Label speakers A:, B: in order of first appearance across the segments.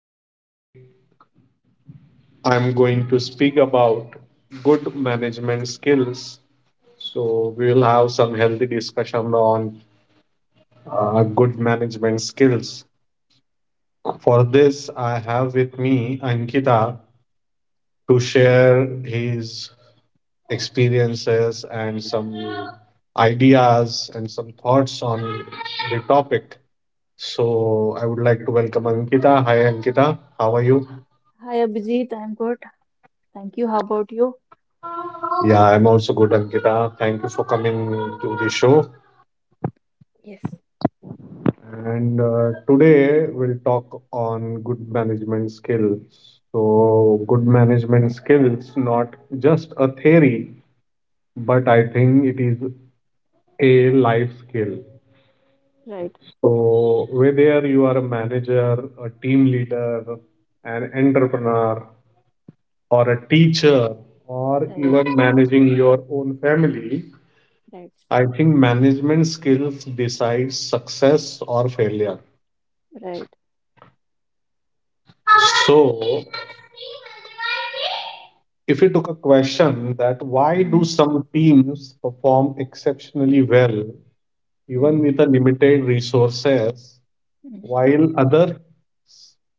A: today I'm going to speak about good management skills. So, we will have some healthy discussion on good management skills. For this, I have with me Ankita to share his experiences and some ideas and some thoughts on the topic. So I would like to welcome Ankita. Hi Ankita, how are you?
B: Hi Abhijit, I'm good. Thank you. How about you?
A: Yeah, I'm also good, Ankita. Thank you for coming to the show.
B: Yes,
A: And today we'll talk on good management skills. So, good management skills not just a theory, but I think it is a life skill.
B: right,
A: So, whether you are a manager, a team leader, an entrepreneur, or a teacher, or
B: right,
A: even managing your own family,
B: right,
A: I think management skills decides success or failure.
B: right,
A: So, if you took a question that why do
B: Mm-hmm.
A: some teams perform exceptionally well even
B: Mm-hmm.
A: with a limited resources while others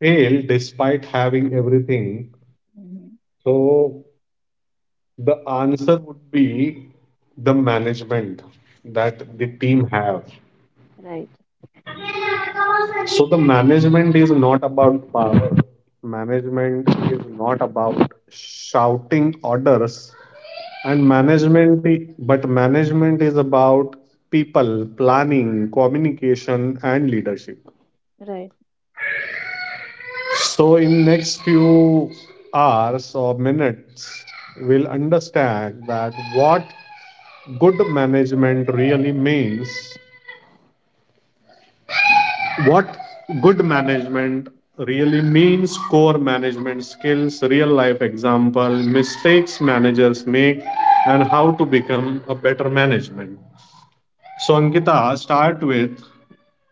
A: fail despite having everything,
B: Mm-hmm.
A: so the answer would be the management that the
B: Right,
A: team have.
B: right,
A: So the management is not about power. Management is not about shouting orders and
B: right,
A: but management is about people planning communication and leadership.
B: right. Right.
A: So in next few hours or minutes, we'll understand that what good management really means, what good management really means, core management skills, real life example, mistakes managers make, and how to become a better management. So Ankita, start with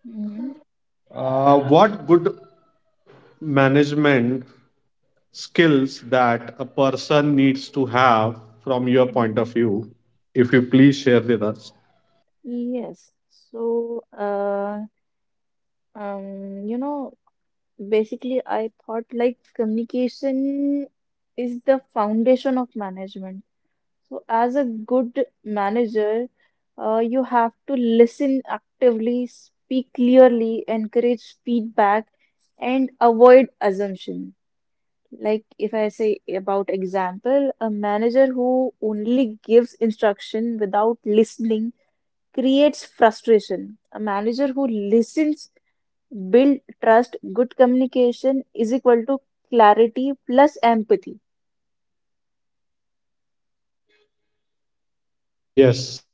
B: Mm-hmm.
A: what good management skills that a person needs to have from your point of
B: Mm-hmm.
A: view, if you please share with us.
B: Yes. So, um, you know, basically, I thought like communication is the foundation of management. So, as a good manager, you have to listen actively, speak clearly, encourage feedback, and avoid assumption. Like if I say about example, a manager who only gives instruction without listening creates frustration. A manager who listens, build trust, good communication is equal to clarity plus empathy.
A: Yes,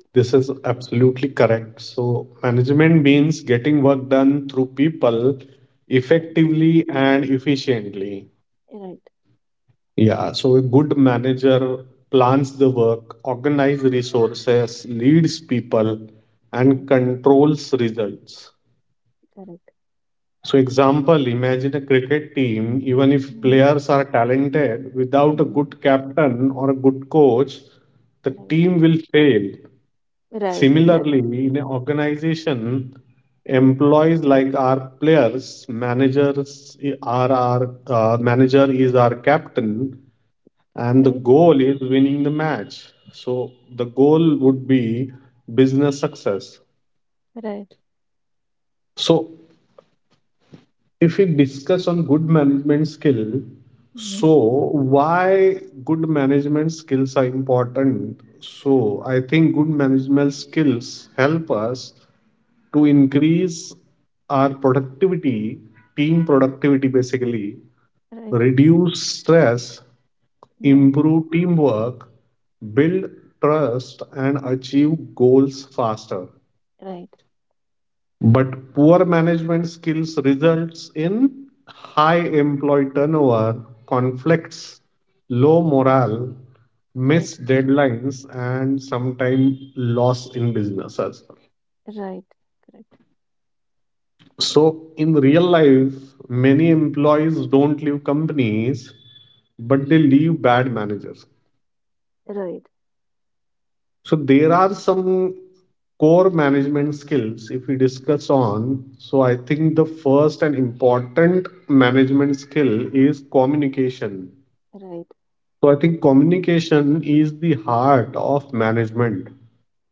A: this is absolutely correct. So, management means getting work done through people
B: Right,
A: effectively and efficiently.
B: right,
A: Yeah, so a good manager plans the work, organizes resources, leads people, and
B: right,
A: controls results.
B: correct.
A: So, example, imagine a cricket team, even if
B: Mhm.
A: players are talented, without a
B: Mhm.
A: good captain or a good coach, the
B: Right.
A: team will fail.
B: Right.
A: Similarly,
B: Exactly.
A: in an organization,
B: Mhm.
A: employees like our players, i- are our manager is our captain, and the
B: Right.
A: goal is winning the match. So the goal would be business success.
B: Right.
A: So if we discuss on good management skill, so
B: Mhm.
A: why good management skills are important, so I think good management skills help us to increase our productivity, team productivity basically,
B: Right.
A: reduce stress,
B: Right.
A: improve teamwork, build trust, and achieve goals faster.
B: Right.
A: But poor management skills results in high employee turnover, conflicts, low morale,
B: Right.
A: missed deadlines, and sometimes loss in business as well.
B: Right. Correct.
A: So in real life, many employees don't leave companies, but they leave bad managers.
B: Right.
A: So there are some core management skills if we discuss on. So I think the first and important management skill is communication.
B: Right.
A: So I think communication is the heart of management.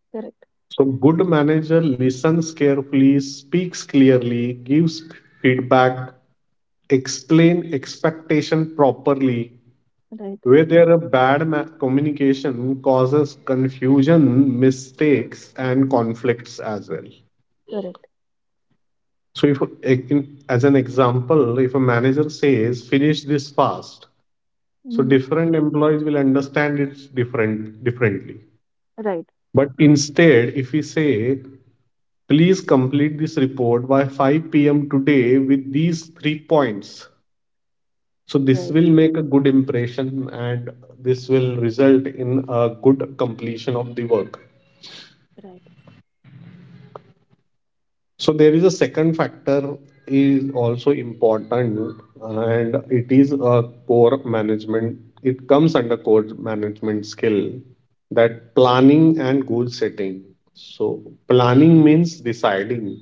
B: Correct.
A: So good manager listens carefully, speaks clearly, gives feedback, explain expectation properly
B: Right.
A: where there a bad mass communication causes confusion, mistakes, and conflicts as well.
B: Correct.
A: So, if as an example, if a manager says finish this fast, so
B: Hmm.
A: different employees will understand it differently.
B: Right.
A: But instead, if we say please complete this report by 5 p.m. today with these three points. So this
B: Right.
A: will make a good impression and this will result in a good completion of the work.
B: Right.
A: So there is a second factor is also important and it is a core management. It comes under core management skill that planning and goal setting. So planning means deciding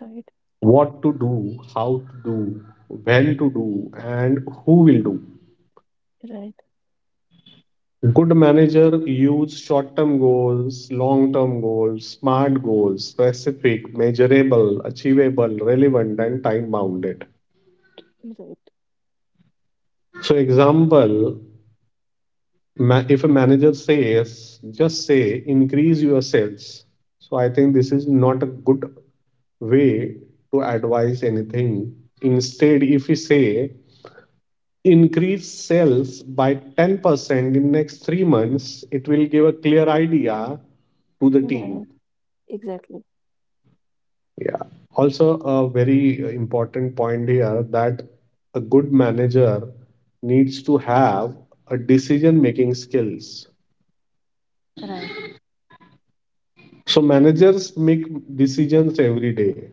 B: Right.
A: what to do, how to do, when to do, and who will do.
B: Right.
A: Good manager use short-term goals, long-term goals, smart goals, specific, measurable, achievable, relevant, and time-bounded.
B: Right.
A: So, example, if a manager says, just say, increase your sales. So, I think this is not a good way to advise anything. Instead, if we say, increase sales by 10% in next 3 months, it will give a clear idea to the team.
B: Right. Exactly.
A: Yeah. Also, a very important point here that a good manager needs to have a decision making skills.
B: Right.
A: So, managers make decisions every day,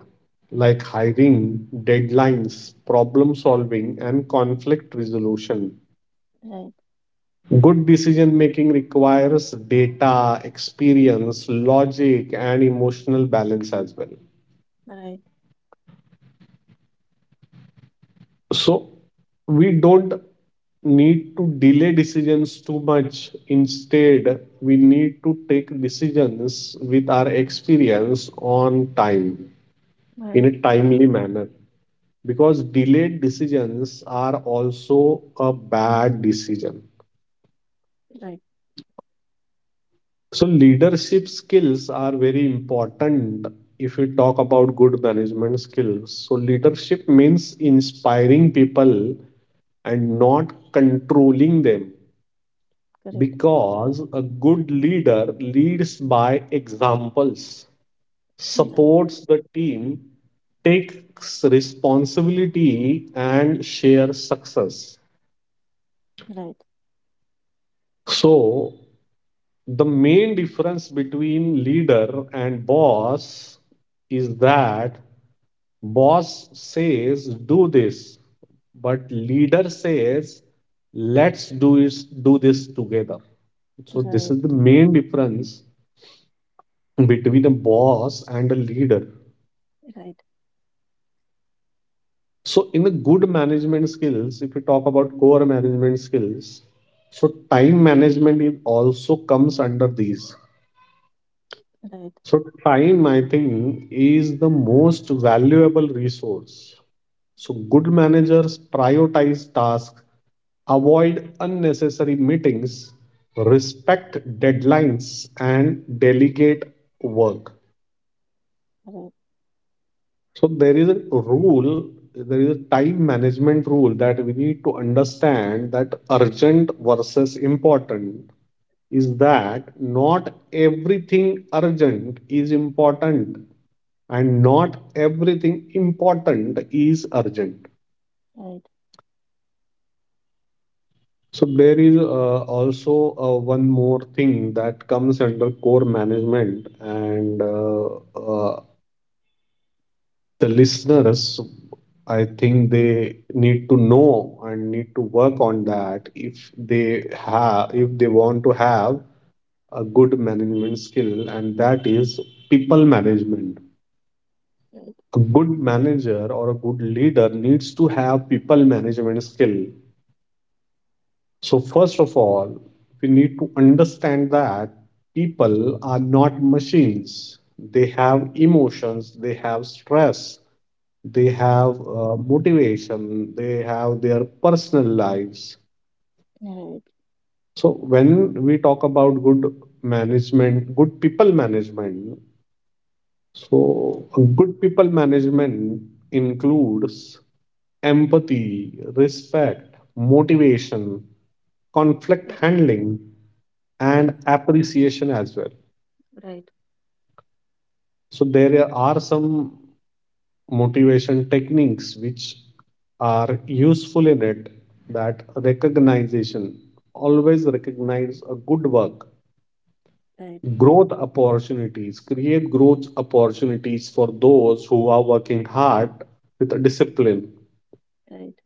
A: like hiring, deadlines, problem solving, and conflict resolution.
B: Right.
A: Good decision making requires data, experience, logic, and emotional balance as well.
B: Right.
A: So we don't need to delay decisions too much. Instead, we need to take decisions with our experience on time, in
B: Right.
A: a timely manner, because delayed decisions are also a bad decision.
B: Right.
A: So, leadership skills are very important if we talk about good management skills. So, leadership means inspiring people and not controlling them.
B: Correct.
A: Because a good leader leads by examples,
B: Right.
A: supports the team, takes responsibility, and shares success.
B: Right.
A: So, the main difference between leader and boss is that boss says do this, but leader says let's do this together. So this is
B: Right.
A: the main difference between a boss and a leader. So, in the good management skills, if you talk about core management skills, so time management is also comes under these.
B: Right. Right. Right.
A: So, time, I think, is the most valuable resource. So, good managers prioritize tasks, avoid unnecessary meetings, respect deadlines, and delegate work.
B: Right.
A: So there is a rule, there is a time management rule that we need to understand, that urgent versus important is that not everything urgent is important and not everything important is urgent.
B: Right. Right.
A: So there is also one more thing that comes under core management and uh, the listeners, I think, they need to know and need to work on that, if they have if they want to have a good management skill, and that is people management. A good manager or a good leader needs to have people management skill. So first of all, we need to understand that people are not machines. They have emotions, they have stress, they
B: Right.
A: have motivation, they have their personal lives.
B: Right.
A: So, when we talk about good management, good people management, so good people management includes empathy, respect, motivation, conflict
B: Correct.
A: handling, and
B: Correct.
A: appreciation as well.
B: Right.
A: So, there are some motivation techniques which are useful in it, that recognition, always recognize a good work,
B: Right.
A: growth opportunities, create growth opportunities for those who are working hard with discipline,
B: Right.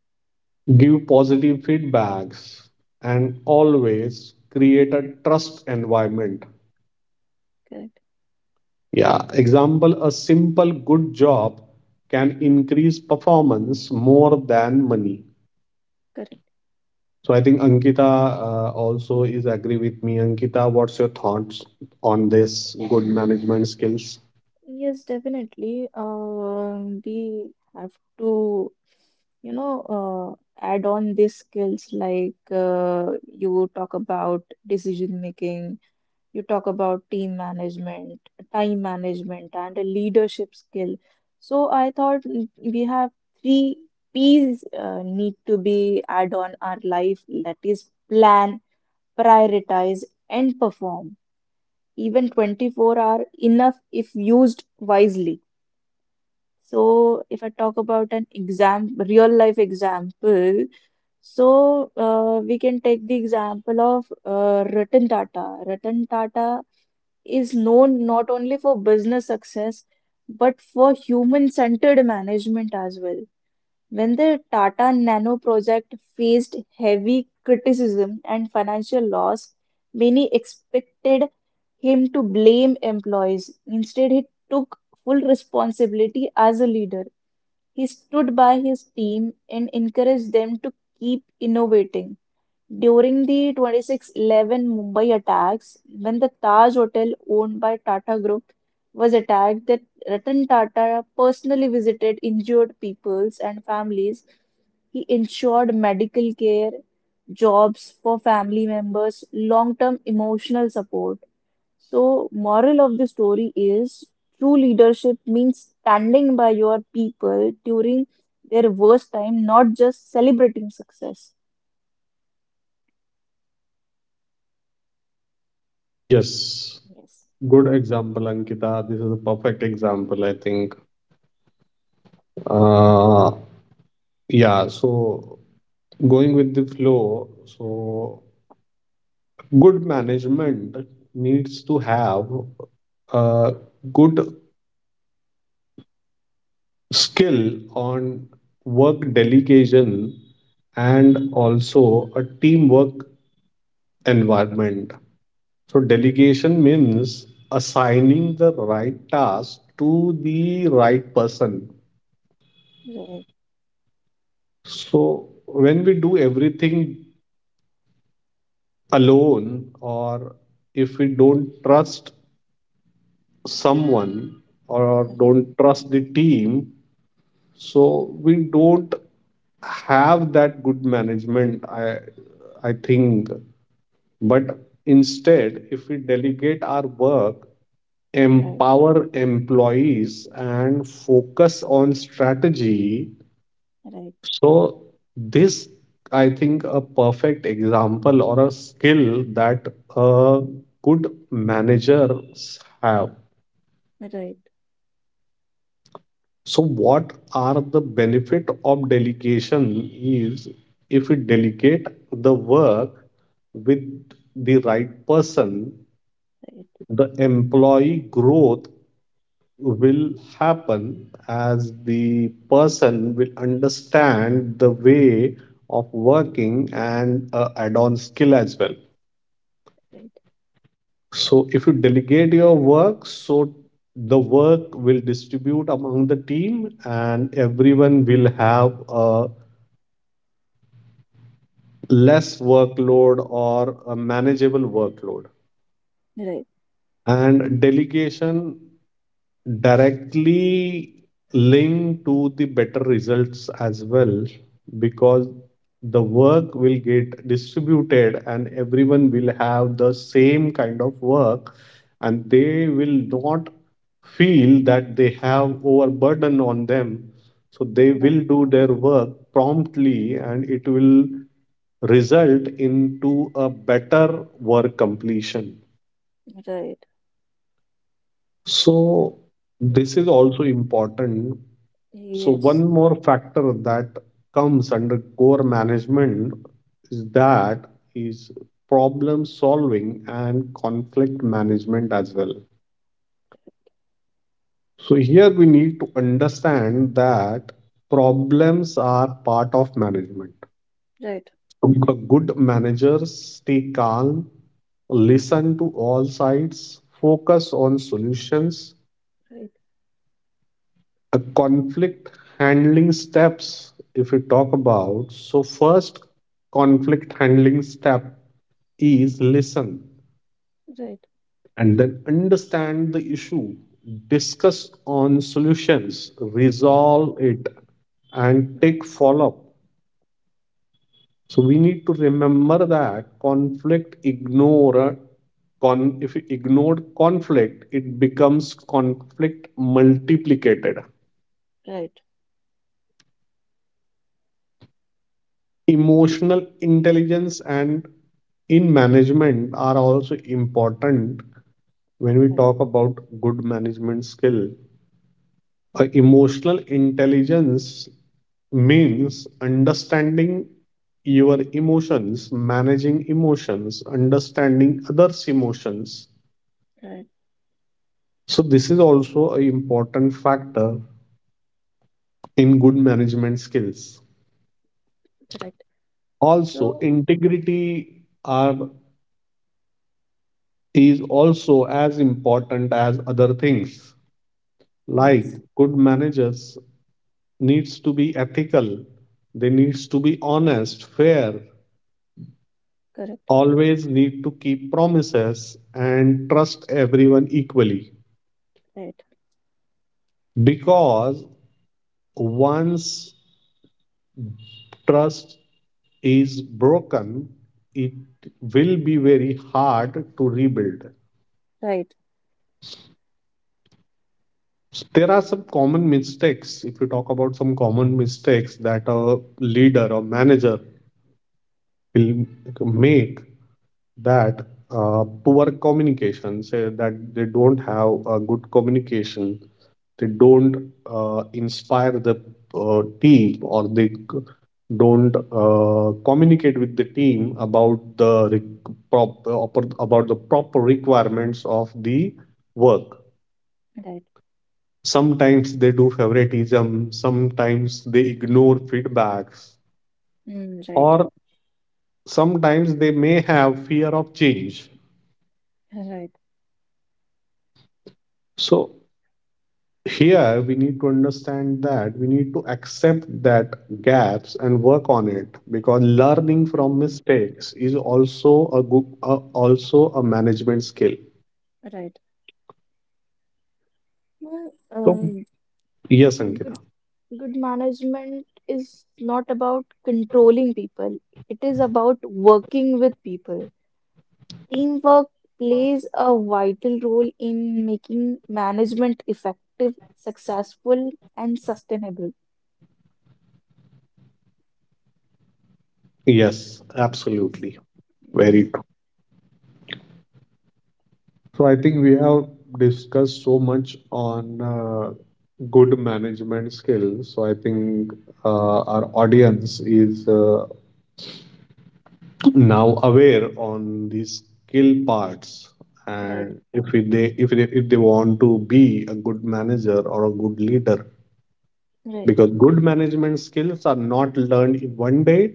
A: give positive feedbacks, and always create a trust environment.
B: Correct.
A: Yeah, example, a simple good job can increase performance more than money.
B: Correct.
A: So I think Ankita also is agree with me. Ankita, what's your thoughts on this good management skills?
B: Yes, definitely. We have to, add on these skills like you talk about decision making, you talk about team management, time management, and a leadership skill. So I thought we have three P's need to be add on our life. That is plan, prioritize, and perform. Even 24 are enough if used wisely. So, if I talk about an exam, real life example, so we can take the example of Ratan Tata. Ratan Tata is known not only for business success but for human-centered management as well. When the Tata Nano project faced heavy criticism and financial loss, many expected him to blame employees. Instead, he took full responsibility as a leader. He stood by his team and encouraged them to keep innovating. During the 26/11 Mumbai attacks, when the Taj Hotel owned by Tata Group was attacked, that Ratan Tata personally visited injured peoples and families. He ensured medical care, jobs for family members, long-term emotional support. So, moral of the story is true leadership means standing by your people during their worst time, not just celebrating success.
A: Yes,
B: Yes,
A: good example, Ankita. This is a perfect example, I think. Uh, yeah, so going with the flow, so good management needs to have a good skill on work delegation
B: right,
A: and also a teamwork environment. So delegation means assigning the right task to the right person.
B: right,
A: So when we do everything alone, or if we don't trust someone or
B: right,
A: don't trust the team, so we don't have that good management. I think. But instead, if we delegate our work,
B: right,
A: empower employees, and focus on strategy,
B: right, right,
A: so this, I think, a perfect example or a skill that a good managers have.
B: right,
A: So, what are the benefit of delegation? Is, if we delegate the work with the right person,
B: right,
A: the employee growth will happen as the person will understand the way of working and add on skill as well. So if you delegate your work, so the work will distribute among the team and everyone will have a less workload or a manageable workload.
B: right,
A: And delegation directly linked to the better results as well, because the work will get distributed and everyone will have the same kind of work and they will not feel that they have overburden on them, so they
B: right,
A: will do their work promptly and it will result into a better work completion.
B: right. No,
A: So
B: mm,
A: this is
B: mm,
A: also important. So one
B: yes,
A: more factor that comes under core management is that is problem solving and conflict management as well. So here we need to understand that problems are part of management.
B: right,
A: A good managers stay calm, listen to all sides, focus on solutions.
B: right,
A: A conflict handling steps, if we talk about, so first conflict handling step is listen
B: right, right,
A: and then understand the issue, discuss on solutions,
B: right,
A: resolve it, and take follow up. So we need to remember that conflict ignore con if we ignore conflict, it becomes conflict multiplicated.
B: right,
A: Emotional intelligence and in management are also important when we
B: right,
A: talk about good management skill. A emotional intelligence means understanding your emotions, managing emotions, understanding others emotions.
B: right,
A: So this is also an important factor in good management skills.
B: correct.
A: Also,
B: So,
A: integrity are is also as important as other things, like
B: yes,
A: good managers needs to be ethical, they needs to be honest, fair,
B: correct,
A: always need to keep promises and trust everyone equally.
B: right,
A: Because once trust is broken, it will be very hard to rebuild.
B: right,
A: There are some common mistakes. If you talk about some common mistakes that a leader or manager will make, that poor communication, say that they don't have a good communication, they don't inspire the team, or they don't communicate with the team about the about the proper requirements of the work.
B: right,
A: Sometimes they do favoritism, sometimes they ignore feedbacks,
B: mm, right,
A: or sometimes they may have fear of change.
B: right,
A: So here we need to understand that we need to accept that gaps and work on it, because learning from
B: correct.
A: mistakes is also a good, also a management skill.
B: Right. Well,
A: So yes,
B: good
A: Ankita.
B: good management is not about controlling people. It is about working with people. Teamwork plays a vital role in making management effective, successful, and sustainable.
A: Yes,
B: Yes.
A: absolutely. Very
B: Yes.
A: true. So I think we have discussed so much on good management skills. So I think our audience is now aware on these skill parts.
B: Right.
A: And if it- they if they if they want to be a good manager or a good leader,
B: Right.
A: because good management skills are not learned in one day,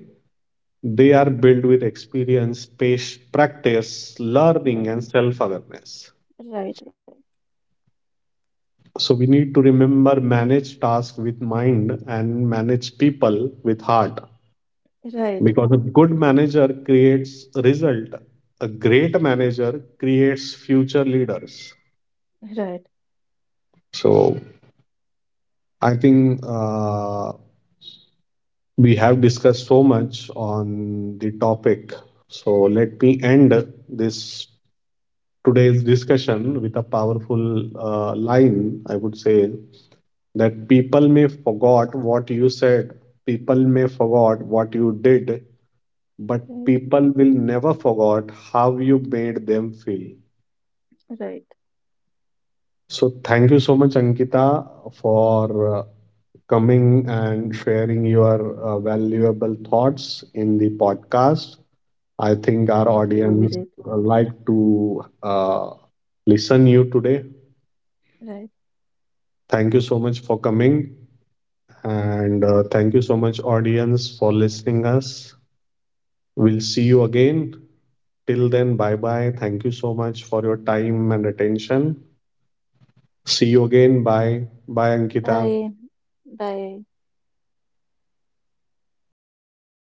A: they are built with experience, pace, practice,
B: Right.
A: learning and self awareness.
B: Right. Right.
A: So we need to remember, manage tasks with mind and manage people with heart.
B: Right. Right.
A: Because a good manager creates result, a great manager creates future leaders.
B: Right.
A: So I think we have discussed so much on the topic. So let me end this today's discussion with a powerful line. I would say that people may forgot what you said, people may forgot what you did, but people will never forget how you made them feel.
B: Right.
A: So thank you so much, Ankita, for coming and sharing your valuable thoughts in the podcast. I think our
B: Thank you,
A: audience
B: Abhijit.
A: like to listen you today.
B: Right.
A: Thank you so much for coming, and thank you so much, audience, for listening us. We'll see you again. Till then, bye bye. Thank you so much for your time and attention. See you again. Bye bye, Ankita.
B: Bye. Bye.